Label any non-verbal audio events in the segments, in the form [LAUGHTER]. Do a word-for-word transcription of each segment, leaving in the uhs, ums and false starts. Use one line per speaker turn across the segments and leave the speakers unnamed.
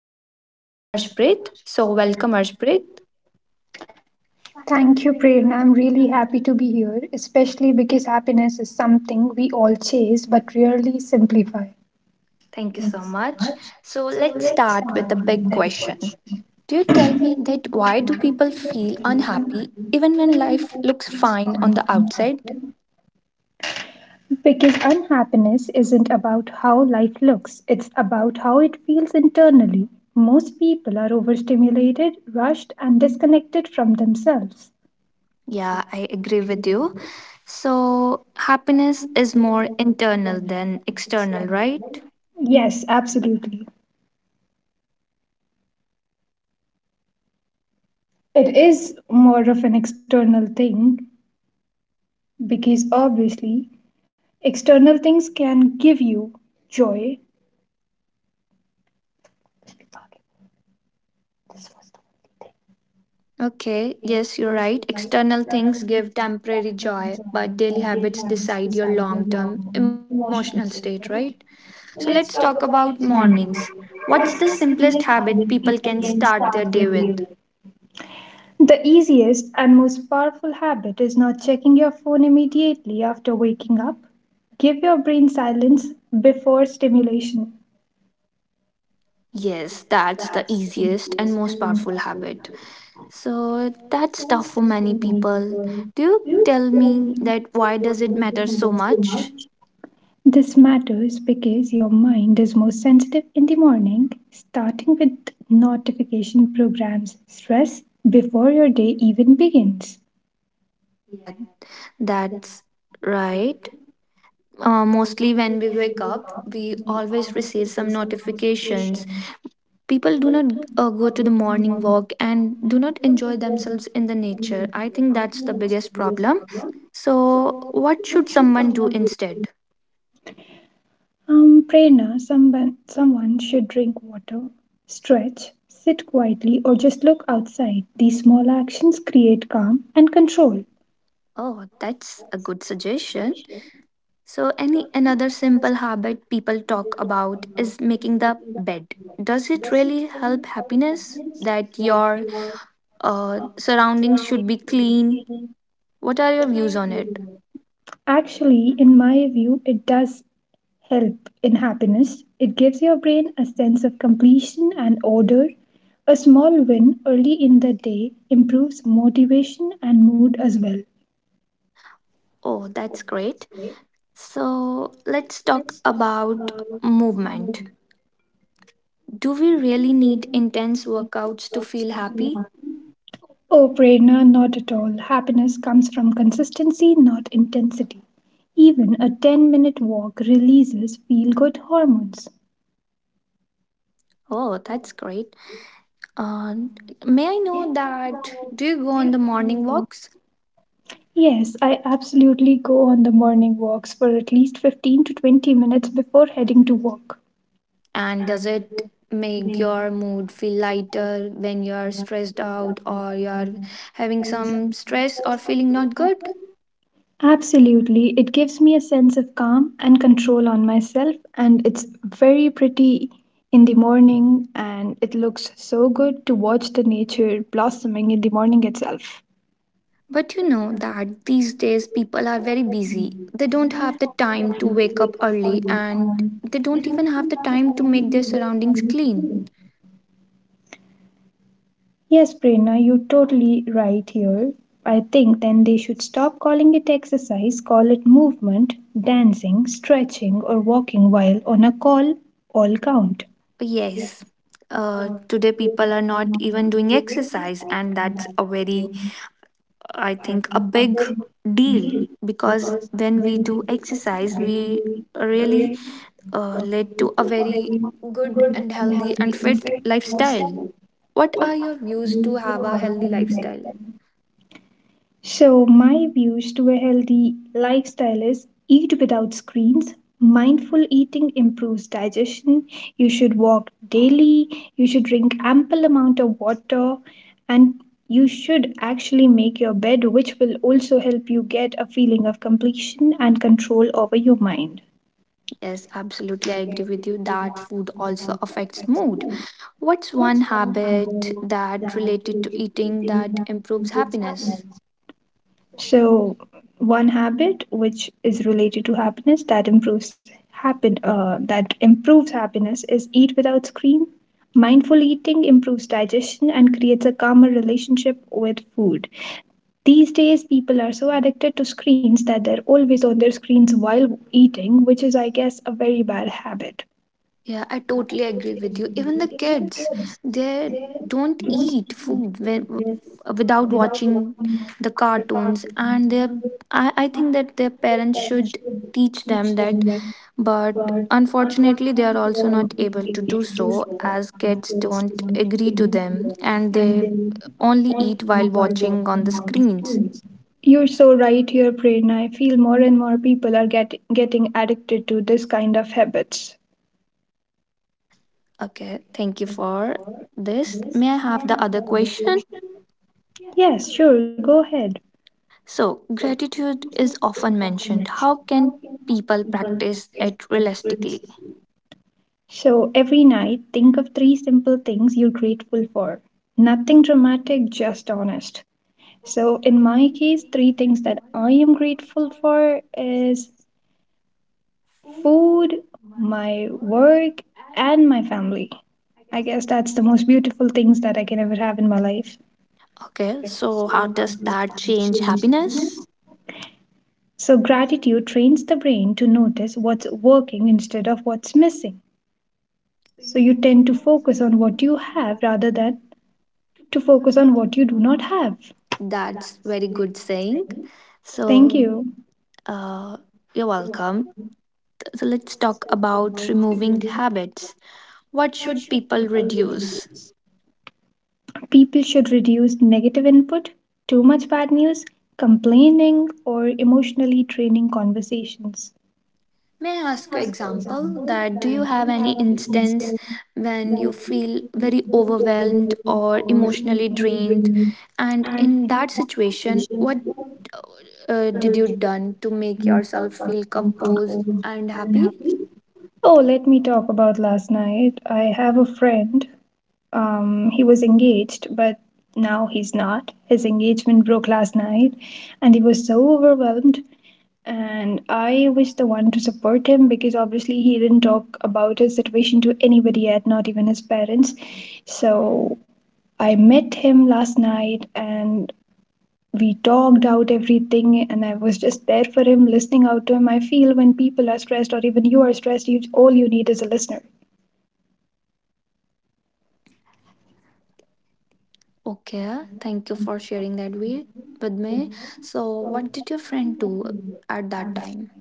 invite Arshpreet. So welcome Arshpreet.
Thank you, Prerna. I'm really happy to be here, especially because happiness is something we all chase but rarely simplify.
Thank you so much. So let's start with the big question. Do you tell me that why do people feel unhappy even when life looks fine on the outside?
Because unhappiness isn't about how life looks, it's about how it feels internally. Most people are overstimulated, rushed, and disconnected from themselves.
Yeah, I agree with you. So, happiness is more internal than external, right?
Yes, absolutely. It is more of an external thing because obviously external things can give you joy.
Okay, yes, you're right. External things give temporary joy, but daily habits decide your long term emotional state, right? So, let's talk about mornings. What's the simplest habit people can start their day with?
The easiest and most powerful habit is not checking your phone immediately after waking up. Give your brain silence before stimulation.
Yes, that's the easiest and most powerful habit. So that's tough for many people. Do you tell me that why does it matter so much?
This matters because your mind is most sensitive in the morning, starting with notification programs stress before your day even begins.
Yeah, that's right. Uh, mostly when we wake up, we always receive some notifications. People do not uh, go to the morning walk and do not enjoy themselves in the nature. I think that's the biggest problem. So, what should someone do instead?
Um, Prerna, someone, someone should drink water, stretch, sit quietly, or just look outside. These small actions create calm and control.
Oh, that's a good suggestion. So any another simple habit people talk about is making the bed. Does it really help happiness that your uh, surroundings should be clean? What are your views on it?
Actually, in my view, it does help in happiness. It gives your brain a sense of completion and order. A small win early in the day improves motivation and mood as well.
Oh, that's great. So let's talk about movement. Do we really need intense workouts to feel happy?
Oh, Prerna, not at all. Happiness comes from consistency, not intensity. Even a ten minute walk releases feel good hormones.
Oh, that's great. Uh, may I know that do you go on the morning walks?
Yes, I absolutely go on the morning walks for at least fifteen to twenty minutes before heading to work.
And does it make your mood feel lighter when you're stressed out or you're having some stress or feeling not good?
Absolutely. It gives me a sense of calm and control on myself, and it's very pretty in the morning, and it looks so good to watch the nature blossoming in the morning itself.
But you know that these days people are very busy. They don't have the time to wake up early and they don't even have the time to make their surroundings clean.
Yes, Prerna, you're totally right here. I think then they should stop calling it exercise, call it movement, dancing, stretching, or walking while on a call all count.
Yes. Uh, today people are not even doing exercise and that's a very I think a
A
big
bit
deal
deep,
because
because
when we
then
do
it's
exercise
driving
we
me
really
away.
uh, led to a very good and healthy and fit
Insight.
lifestyle. What are your views to have a healthy lifestyle?
So, my views to a healthy lifestyle is eat without screens. Mindful eating improves digestion. You should walk daily. You should drink ample amount of water and you should actually make your bed, which will also help you get a feeling of completion and control over your mind.
Yes, absolutely. I agree with you that food also affects mood. What's one habit that related to eating that improves happiness?
So, one habit which is related to happiness that improves happen uh, that improves happiness is eat without screen. Mindful eating improves digestion and creates a calmer relationship with food. These days, people are so addicted to screens that they're always on their screens while eating, which is, I guess, a very bad habit.
Yeah, I totally agree with you. Even the kids, they don't eat food when, without watching the cartoons, and their I, I think that their parents should teach them that but unfortunately, they are also not able to do so as kids don't agree to them and they only eat while watching on the screens.
You're so right here, Prerna. I feel more and more people are get, getting addicted to this kind of habits.
Okay, thank you for this. May I have the other question?
Yes, sure, go ahead.
So, gratitude is often mentioned. How can people practice it realistically?
So every night, think of three simple things you're grateful for. Nothing dramatic, just honest. So in my case, three things that I am grateful for is food, my work, and my family. I guess that's the most beautiful things that I can ever have in my life.
Okay, so how does that change happiness?
So gratitude trains the brain to notice what's working instead of what's missing. So you tend to focus on what you have rather than to focus on what you do not have.
That's very good saying.
Thank
So,
you.
uh, you're welcome. So let's talk about removing habits. What should people reduce?
People should reduce negative input, too much bad news, complaining, or emotionally draining conversations.
May I ask an example that do you have any instance when you feel very overwhelmed or emotionally drained? And in that situation, what uh, uh, did you done to make yourself feel composed and happy?
Oh, let me talk about last night. I have a friend. Um, he was engaged, but now he's not. His engagement broke last night, and he was so overwhelmed. And I was the one to support him because obviously he didn't talk about his situation to anybody yet, not even his parents. So I met him last night, and we talked out everything and I was just there for him, listening out to him. I feel when people are stressed or even you are stressed, you all you need is a listener.
Okay, thank you for sharing that with with me. So, what did your friend do at that time?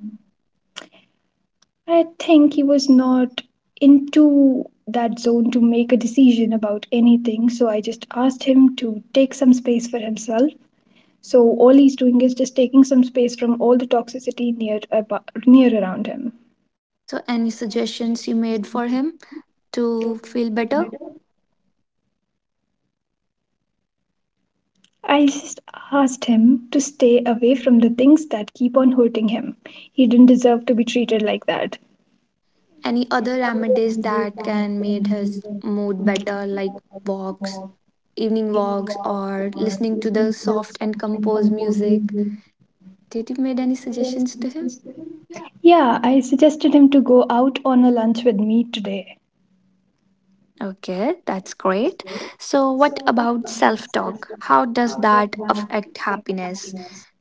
I think he was not into that zone to make a decision about anything, so I just asked him to take some space for himself. So all he's doing is just taking some space from all the toxicity near abo- near around him.
So, any suggestions you made for him to feel better?
I just asked him to stay away from the things that keep on hurting him. He didn't deserve to be treated like that.
Any other remedies that can make his mood better, like walks, evening walks, or listening to the soft and composed music? Did you made any suggestions to him?
Yeah, I suggested him to go out on a lunch with me today.
Okay, that's great. So, what about self talk? How does that affect happiness?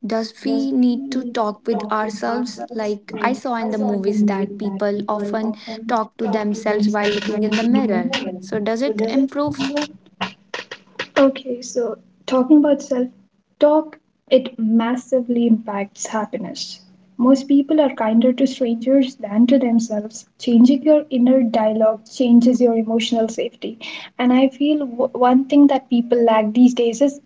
Does we need to talk with ourselves? Like I saw in the movies that people often talk to themselves while looking in the mirror. So, does it improve?
Okay, so talking about self talk, it massively impacts happiness. Most people are kinder to strangers than to themselves. Changing your inner dialogue changes your emotional safety. And I feel w- one thing that people lack these days is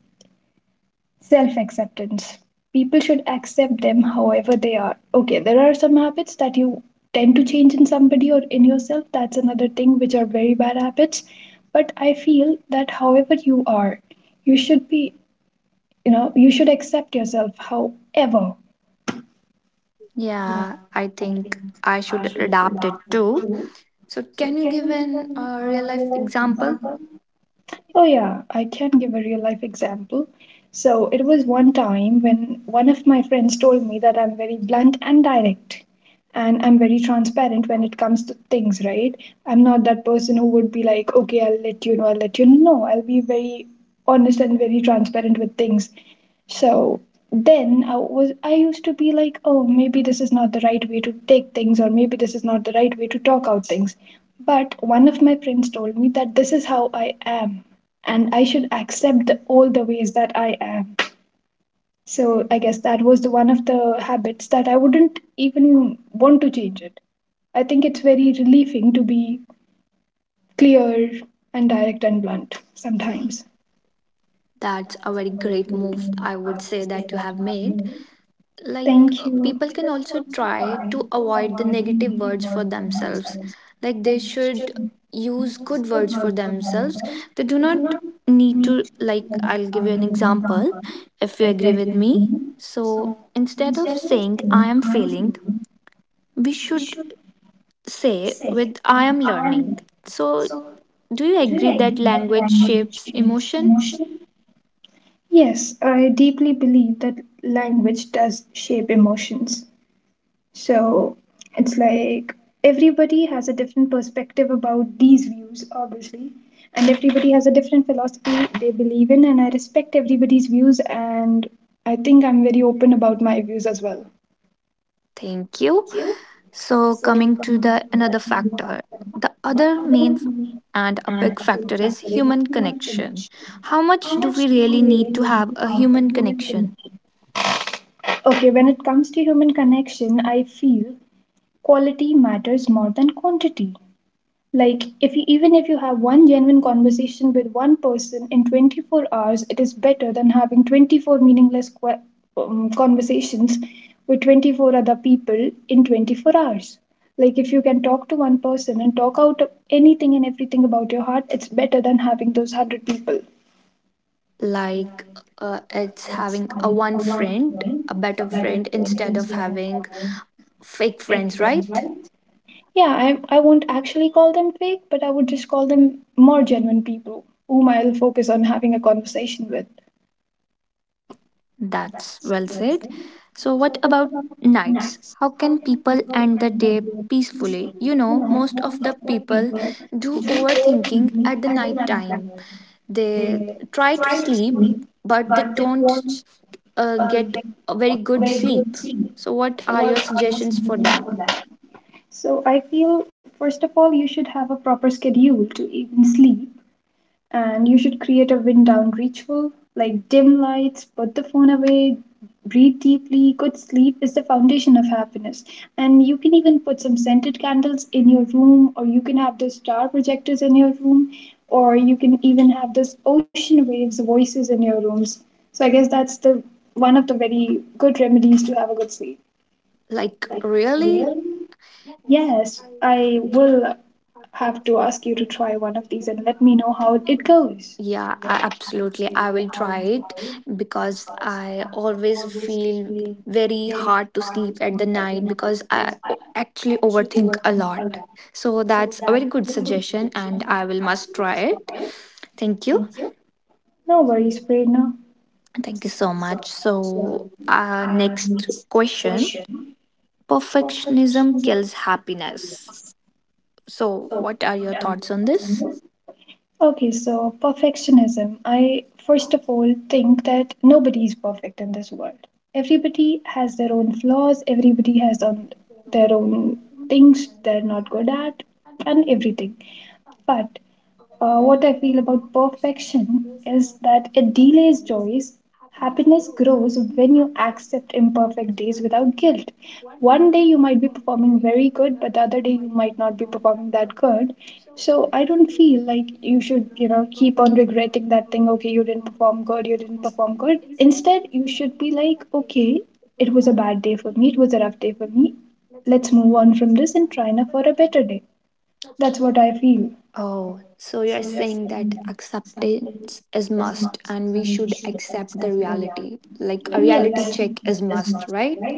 self acceptance. People should accept them however they are. Okay, there are some habits that you tend to change in somebody or in yourself. That's another thing which are very bad habits. But I feel that however you are, you should be, you know, you should accept yourself however.
Yeah, I think I should adapt it too. So, can you give an uh, real life example?
Oh, yeah, I can give a real life example. So, it was one time when one of my friends told me that I'm very blunt and direct, and I'm very transparent when it comes to things, right? I'm not that person who would be like, okay, I'll let you know, I'll let you know. No, I'll be very honest and very transparent with things. So then I was I used to be like, oh, maybe this is not the right way to take things, or maybe this is not the right way to talk out things. But one of my friends told me that this is how I am, and I should accept the, all the ways that I am. So I guess that was the one of the habits that I wouldn't even want to change it. I think it's very relieving to be clear and direct and blunt sometimes.
That's a very great move, I would say, that you have made. Like uh,
Thank you.
people can also try to avoid the negative words for themselves like they should use good words for themselves. They do not need to, like, I'll give you an example. If you agree with me, so instead of saying I am failing, we should say with I am learning. So do you agree that language shapes emotion?
Yes, I deeply believe that language does shape emotions. So it's like everybody has a different perspective about these views, obviously, and everybody has a different philosophy they believe in, and I respect everybody's views, and I think I'm very open about my views as well.
Thank you. So coming to the another factor, the other main f- and a big factor is human connection. How much do we really need to have a human connection?
Okay, when it comes to human connection, I feel quality matters more than quantity. Like, if you, even if you have one genuine conversation with one person in twenty-four hours, it is better than having twenty-four meaningless que- um, conversations with twenty-four other people in twenty-four hours. Like, if you can talk to one person and talk out anything and everything about your heart, it's better than having those one hundred people.
Like uh, it's having a one friend, a better friend instead of having fake friends, right?
Yeah, I, I won't actually call them fake, but I would just call them more genuine people whom I'll focus on having a conversation with.
That's well said. So what about nights? How can people end the day peacefully? You know, most of the people do overthinking at the night time. They try to sleep, but they don't uh, get a very good sleep. So, what are your suggestions for them?
So I feel first of all you should have a proper schedule to even sleep and you should create a wind down ritual like dim lights, put the phone away, breathe deeply. Good sleep is the foundation of happiness. And you can even put some scented candles in your room or you can have the star projectors in your room or you can even have this ocean waves voices in your rooms. So I guess that's the one of the very good remedies to have a good sleep.
Like, really?
Yes, I will have to ask you to try one of these and let me know how it goes.
Yeah, I, absolutely. I will try it because I always feel very hard to sleep at the night because I o- actually overthink a lot. So, that's a very good suggestion, and I will must try it. Thank you.
No worries, Prerna.
Thank you so much. So, uh, next question. Perfectionism kills happiness. So, what are your thoughts on this?
Okay, so perfectionism. I first of all think that nobody is perfect in this world. Everybody has their own flaws, everybody has on their own things they're not good at, and everything. But Uh, what I feel about perfection is that it delays joys. Happiness grows when you accept imperfect days without guilt. One day you might be performing very good, but the other day you might not be performing that good. So I don't feel like you should, you know, keep on regretting that thing. Okay, you didn't perform good, you didn't perform good. Instead, you should be like, okay, it was a bad day for me, it was a rough day for me. Let's move on from this and try now for a better day. That's what I feel.
Oh, so you're saying that acceptance is must and we should accept the reality. Like a reality
Yes.
check is must, right?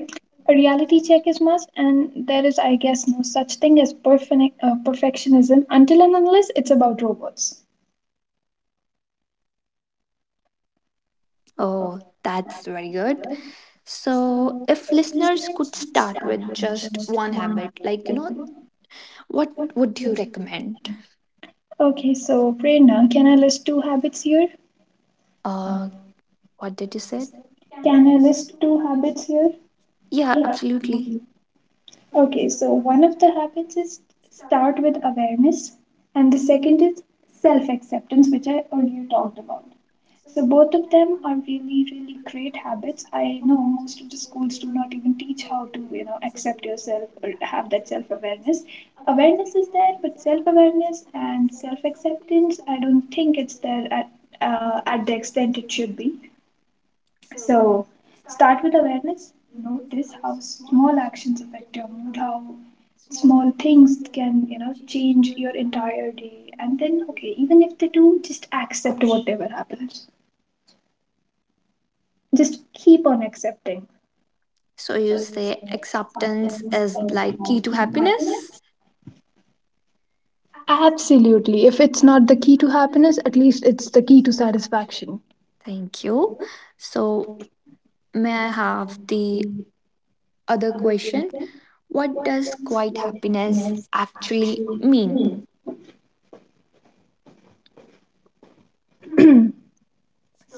A reality check is must, and there is, I guess, no such thing as perfect uh, perfectionism until and unless it's about robots.
Oh, that's very good. So, if listeners could start with just one habit, like, you know, what would you recommend?
Okay, so Prerna, can I list two habits here?
Uh, what did you say?
Can I list two habits here?
Yeah, absolutely.
Okay, so one of the habits is start with awareness, and the second is self acceptance, which I earlier talked about. So, both of them are really, really great habits. I know most of the schools do not even teach how to, you know, accept yourself or have that self awareness. Awareness is there, but self awareness and self acceptance, I don't think it's there at, uh, at the extent it should be. So, start with awareness. Notice how small actions affect your mood, how small things can, you know, change your entire day. And then, okay, even if they do, just accept whatever happens. Just keep on accepting.
So, you say acceptance is like key to happiness?
Absolutely. If it's not the key to happiness, at least it's the key to satisfaction.
Thank you. So, may I have the other question? What does quiet happiness actually mean?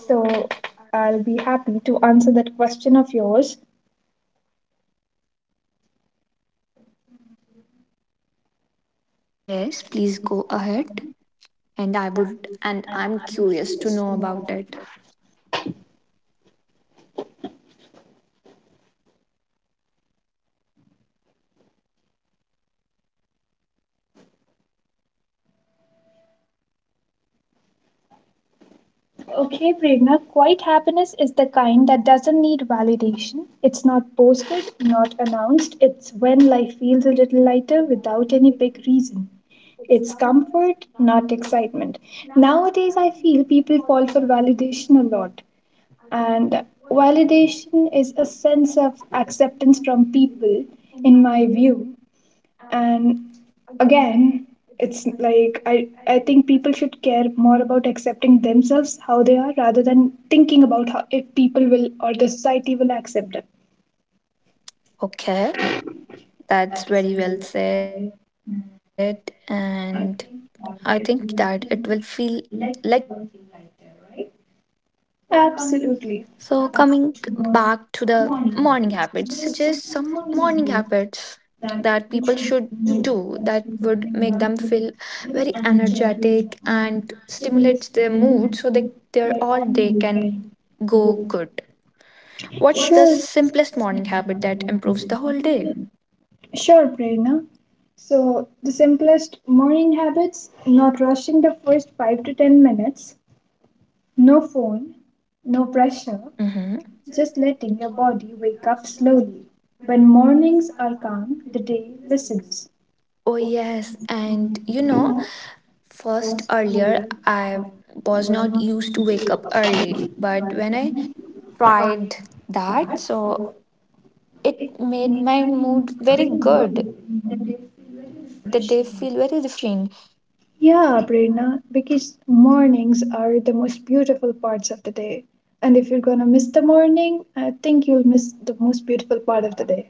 So, I'll be happy to answer that question of yours.
Yes, please go ahead. And I would, and I'm curious to know about it.
Okay, Prerna, quiet happiness is the kind that doesn't need validation. It's not posted, not announced. It's when life feels a little lighter without any big reason. It's comfort, not excitement. Nowadays, I feel people fall for validation a lot. And validation is a sense of acceptance from people, in my view, and again, it's like i i think people should care more about accepting themselves how they are rather than thinking about how if people will or the society will accept them.
Okay, that's very well said. And I think that it will feel like people feel lighter, right? So, coming
Absolutely.
back to the morning habits, suggest some morning habits that people should do that would make them feel very energetic and stimulates their mood so they their all day can go good. What's the
Sure,
simplest morning habit that improves the whole day?
Sure, Prerna. So, the simplest morning habits not rushing the first five to ten minutes, no phone, no pressure,
Hmm.
just letting your body wake up slowly. When mornings are calm, the day listens.
Oh, yes. And you know, first earlier, I was not used to wake up early, but when I tried that. So it made my mood very good, like the day feel very refreshing.
Yeah, Prerna, because mornings are the most beautiful parts of the day. And if you're gonna miss the morning, I think you'll miss the most beautiful part of the day.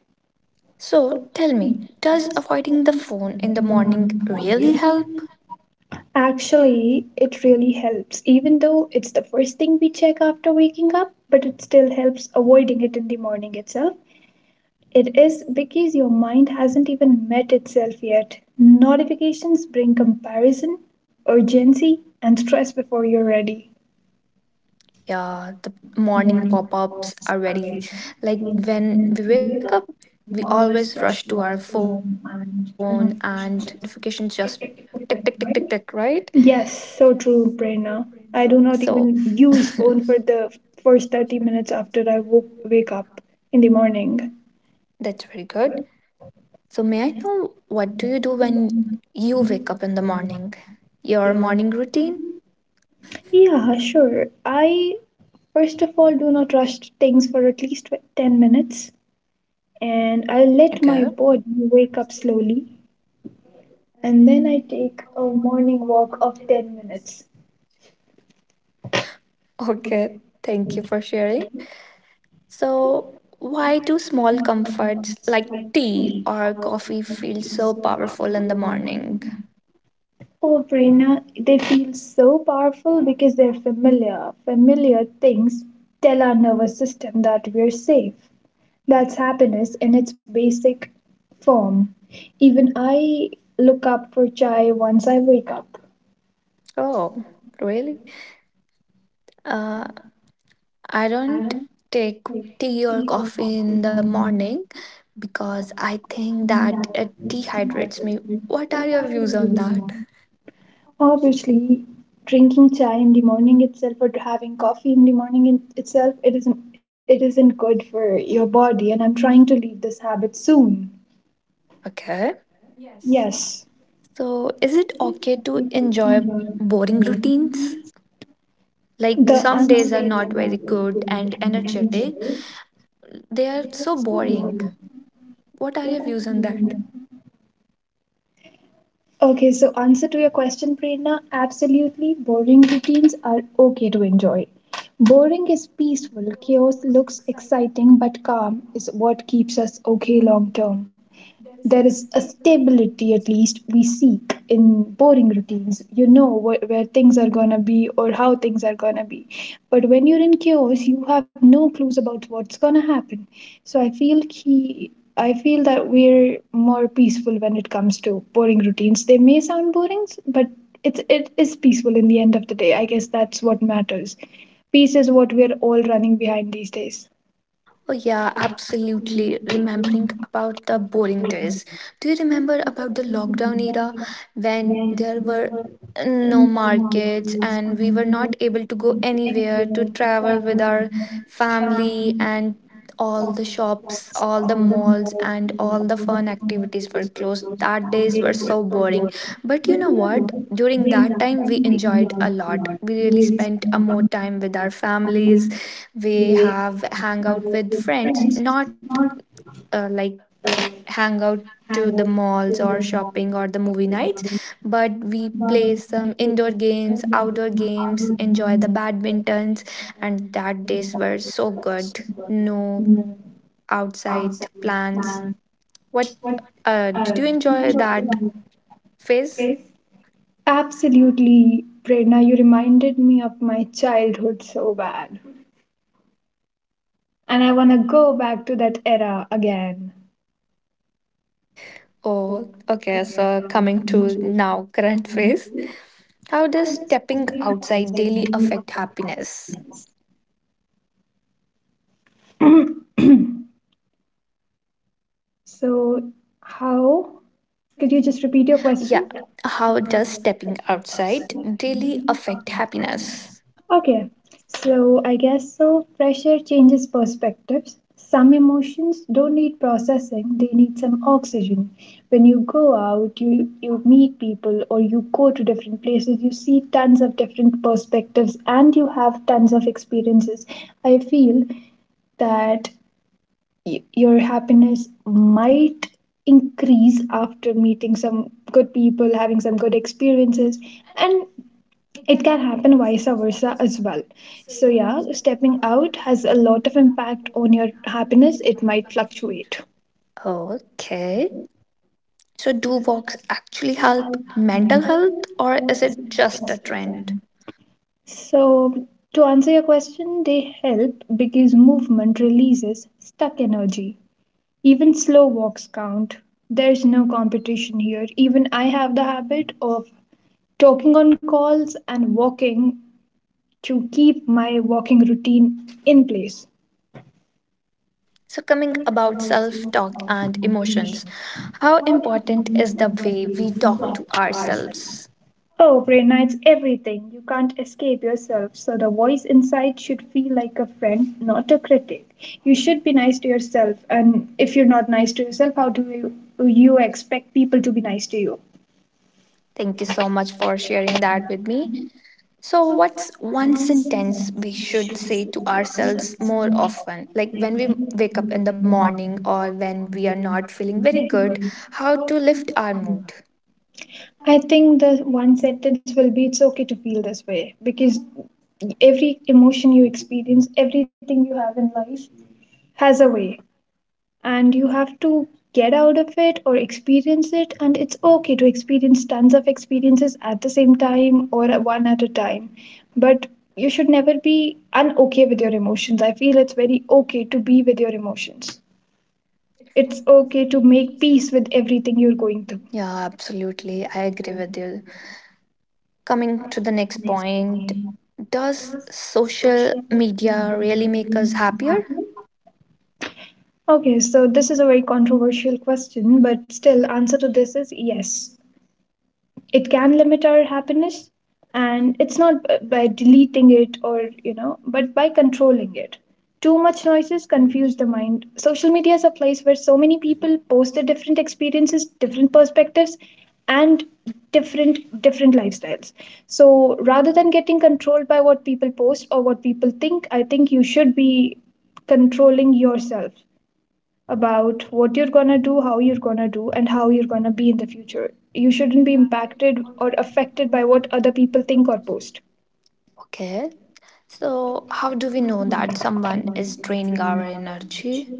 So tell me, does avoiding the phone in the morning really help?
Actually, it really helps. Even though it's the first thing we check after waking up, but it still helps avoiding it in the morning itself. It is because your mind hasn't even met itself yet. Notifications bring comparison, urgency, and stress before you're ready.
Yeah, the morning pop ups are very like when we wake up, we always rush to our phone and the notification just tick, tick, tick, tick, tick, right?
Yes, so true, Prerna. I
So
do
[LAUGHS]
not even use phone for the first thirty minutes after I woke, wake up in the morning.
that's very good. So may I know what do you do when you wake up in the morning? Your morning routine?
Yeah, sure. I First of all, do not rush things for at least ten minutes, and I let my
Okay.
body wake up slowly, and then I take a morning walk of ten minutes.
Okay. Thank you for sharing. So why do small comforts like tea or coffee feel so powerful in the morning?
Oh, Prerna, they feel so powerful because they're familiar. Familiar things tell our nervous system that we're safe. That's happiness in its basic form. Even I look up for chai once I wake up.
Oh, really? Uh, I don't take tea or coffee in the morning because I think that it dehydrates me. What are your views on that?
Obviously, drinking chai in the morning itself or having coffee in the morning in itself, it isn't it isn't good for your body, and I'm trying to leave this habit soon.
Okay.
Yes,
So, is it okay to enjoy boring routines? Like,
the
some days are not
unstable.
very good and energetic, they are so boring. What are your views on that?
Okay, so answer to your question, Prerna, absolutely boring routines are okay to enjoy. Boring is peaceful, chaos looks exciting, but calm is what keeps us okay long term. There is a stability at least we seek in boring routines, you know wh- where things are going to be or how things are going to be. But when you're in chaos, you have no clues about what's going to happen. So i feel key i feel that we're more peaceful when it comes to boring routines. They may sound boring, but it's it is peaceful in the end of the day, I guess that's what matters. Peace is what we're all running behind these days.
Oh yeah, absolutely. Remembering about the boring days. Do you remember about the lockdown era when there were no markets and we were not able to go anywhere to travel with our family and all the shops, all the malls and all the fun activities were closed. That days were so boring. But you know what? During that time we enjoyed a lot. We really spent a more time with our families. We have hang out with friends, not uh, like hang out to the malls or shopping or the movie nights, but we play some indoor games, outdoor games, enjoy the badmintons, and that days were so good. No outside plans. What uh did you enjoy that phase?
Absolutely, Prerna, you reminded me of my childhood so bad. And I want to go back to that era again.
Oh okay, so coming to now [LAUGHS] current phase, how does stepping outside daily affect happiness?
[CLEARS THROAT] So, how? Could you just repeat your
Yeah.
question?
How does stepping outside daily affect happiness?
Okay, so I guess so. Pressure changes perspectives. Some emotions don't need processing, they need some oxygen. When you go out, you, you meet people or you go to different places, you see tons of different perspectives and you have tons of experiences. I feel that y- your happiness might increase after meeting some good people, having some good experiences, and it can happen vice versa as well. So yeah, stepping out has a lot of impact on your happiness. It might fluctuate.
Okay. So, do walks actually help mental health or is it just a trend?
So to answer your question, they help because movement releases stuck energy. Even slow walks count. There's no competition here. Even I have the habit of talking on calls and walking to keep my walking routine in place.
So, coming about self talk and emotions, how important is the way we talk to ourselves?
Oh, brain, it's everything. You can't escape yourself. So the voice inside should feel like a friend, not a critic. You should be nice to yourself. And if you're not nice to yourself, how do you, you expect people to be nice to you?
Thank you so much for sharing that with me. So, what's one sentence we should say to ourselves more often? Like when we wake up in the morning or when we are not feeling very good, how to lift our mood?
I think the one sentence will be it's okay to feel this way, because every emotion you experience, everything you have in life has a way. And you have to get out of it or experience it, and it's okay to experience tons of experiences at the same time or one at a time. But you should never be unokay with your emotions. I feel it's very okay to be with your emotions. It's okay to make peace with everything you're going through.
Yeah, absolutely. I agree with you. Coming to the next point, does social media really make us happier?
Okay, so this is a very controversial question, but still, answer to this is yes. It can limit our happiness. And it's not b- by deleting it, or you know, but by controlling it. Too much noises confuse the mind. Social media is a place where so many people post their different experiences, different perspectives, and different different lifestyles. So rather than getting controlled by what people post or what people think, I think you should be controlling yourself about what you're gonna do, how you're gonna do, and how you're gonna be in the future. You shouldn't be impacted or affected by what other people think or post.
Okay. So, how do we know that someone is draining our energy?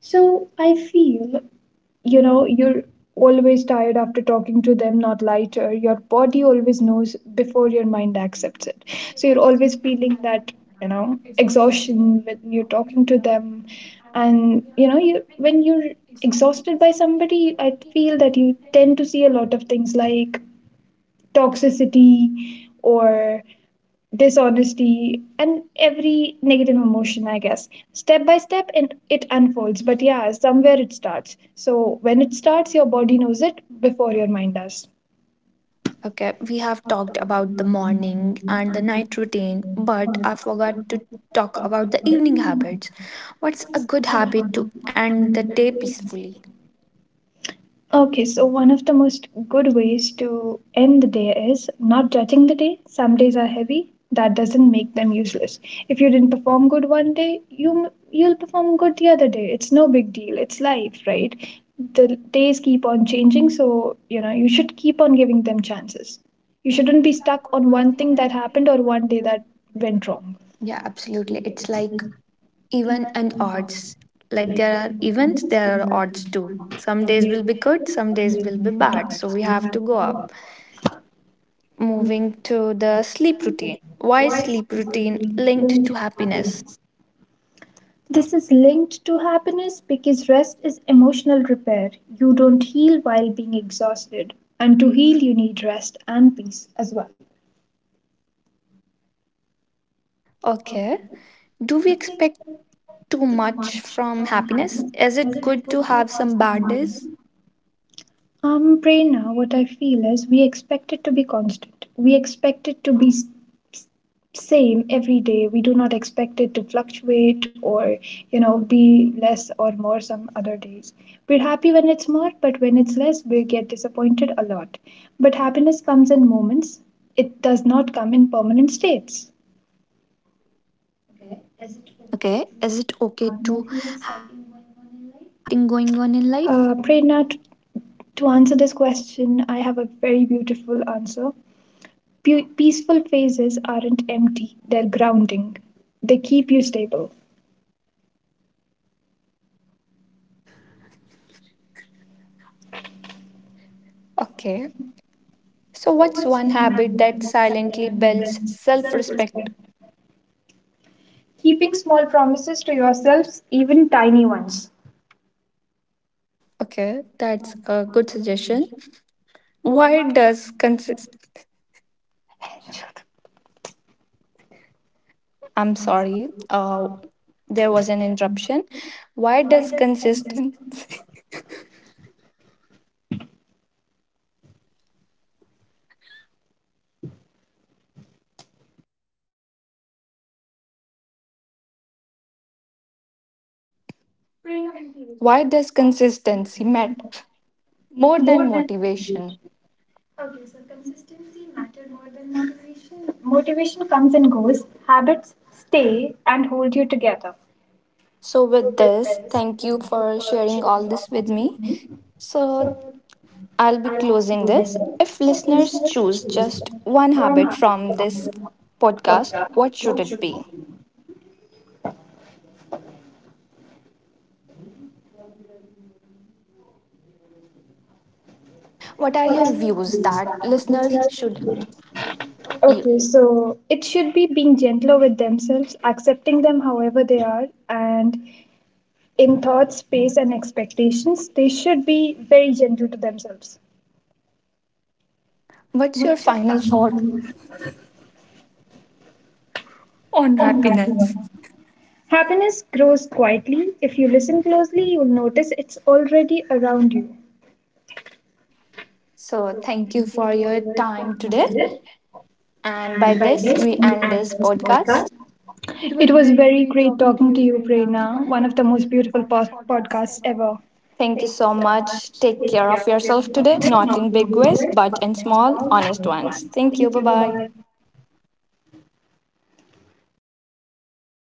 So I feel, you know, you're always tired after talking to them, not lighter. Your body always knows before your mind accepts it. So you're always feeling that, you know, exhaustion when you're talking to them. And, you know, you when you're exhausted by somebody, I feel that you tend to see a lot of things like toxicity or dishonesty and every negative emotion, I guess, step by step, and it unfolds. But yeah, somewhere it starts. So when it starts, your body knows it before your mind does.
Okay, we have talked about the morning and the night routine, but I forgot to talk about the evening habits. What's a good habit to end the day peacefully?
Okay, so one of the most good ways to end the day is not judging the day. Some days are heavy. That doesn't make them useless. If you didn't perform good one day, you you'll perform good the other day. It's no big deal. It's life, right? The days keep on changing, so you know you should keep on giving them chances. You shouldn't be stuck on one thing that happened or one day that went wrong.
Yeah, absolutely. It's like even and odds. Like there are events, there are odds too. Some days will be good, some days will be bad. So we have to go up. Moving to the sleep routine. Why is sleep routine linked to happiness?
This is linked to happiness because rest is emotional repair. You don't heal while being exhausted, and to heal, you need rest and peace as well.
Okay. Do we expect too much from happiness? Is it good to have some bad days?
Um, Prerna, what I feel is we expect it to be constant. We expect it to be s- s- same every day. We do not expect it to fluctuate or, you know, be less or more some other days. We're happy when it's more, but when it's less, we get disappointed a lot. But happiness comes in moments. It does not come in permanent states.
Okay. Is it okay to have nothing exciting going on in life?
Uh, Prerna, t- to answer this question, I have a very beautiful answer. Pu- peaceful phases aren't empty, they're grounding. They keep you stable.
Okay. So,
So,
what's
what's
one
one
habit
habit
that
that
silently builds self
self respect?
respect?
Keeping small promises to yourselves, even tiny ones.
Okay. That's a good suggestion. Why does consist. I'm sorry. Uh, there was an interruption. Why does consistency. [LAUGHS] Why does consistency matter more
More
than
than
motivation?
motivation comes and goes, habits stay and hold you together.
So, with this, thank you for sharing all this with me. So, I'll be closing this. If listeners choose just one habit from this podcast, what should it be? What are your views that listeners should hear?
Okay, so it should be being gentler with themselves, accepting them however they are, and in thoughts, space, and expectations, they should be very gentle to themselves.
What's your final thought on happiness?
Happiness grows quietly. If you listen closely, you'll notice it's already around you.
So, thank you for your time today. And by this, we end this podcast.
It was very great talking to you, Prerna, one of the most beautiful pos- podcasts ever.
Thank you so much. Take care of yourself today, not in big ways, but in small, honest ones. Thank you. Bye bye.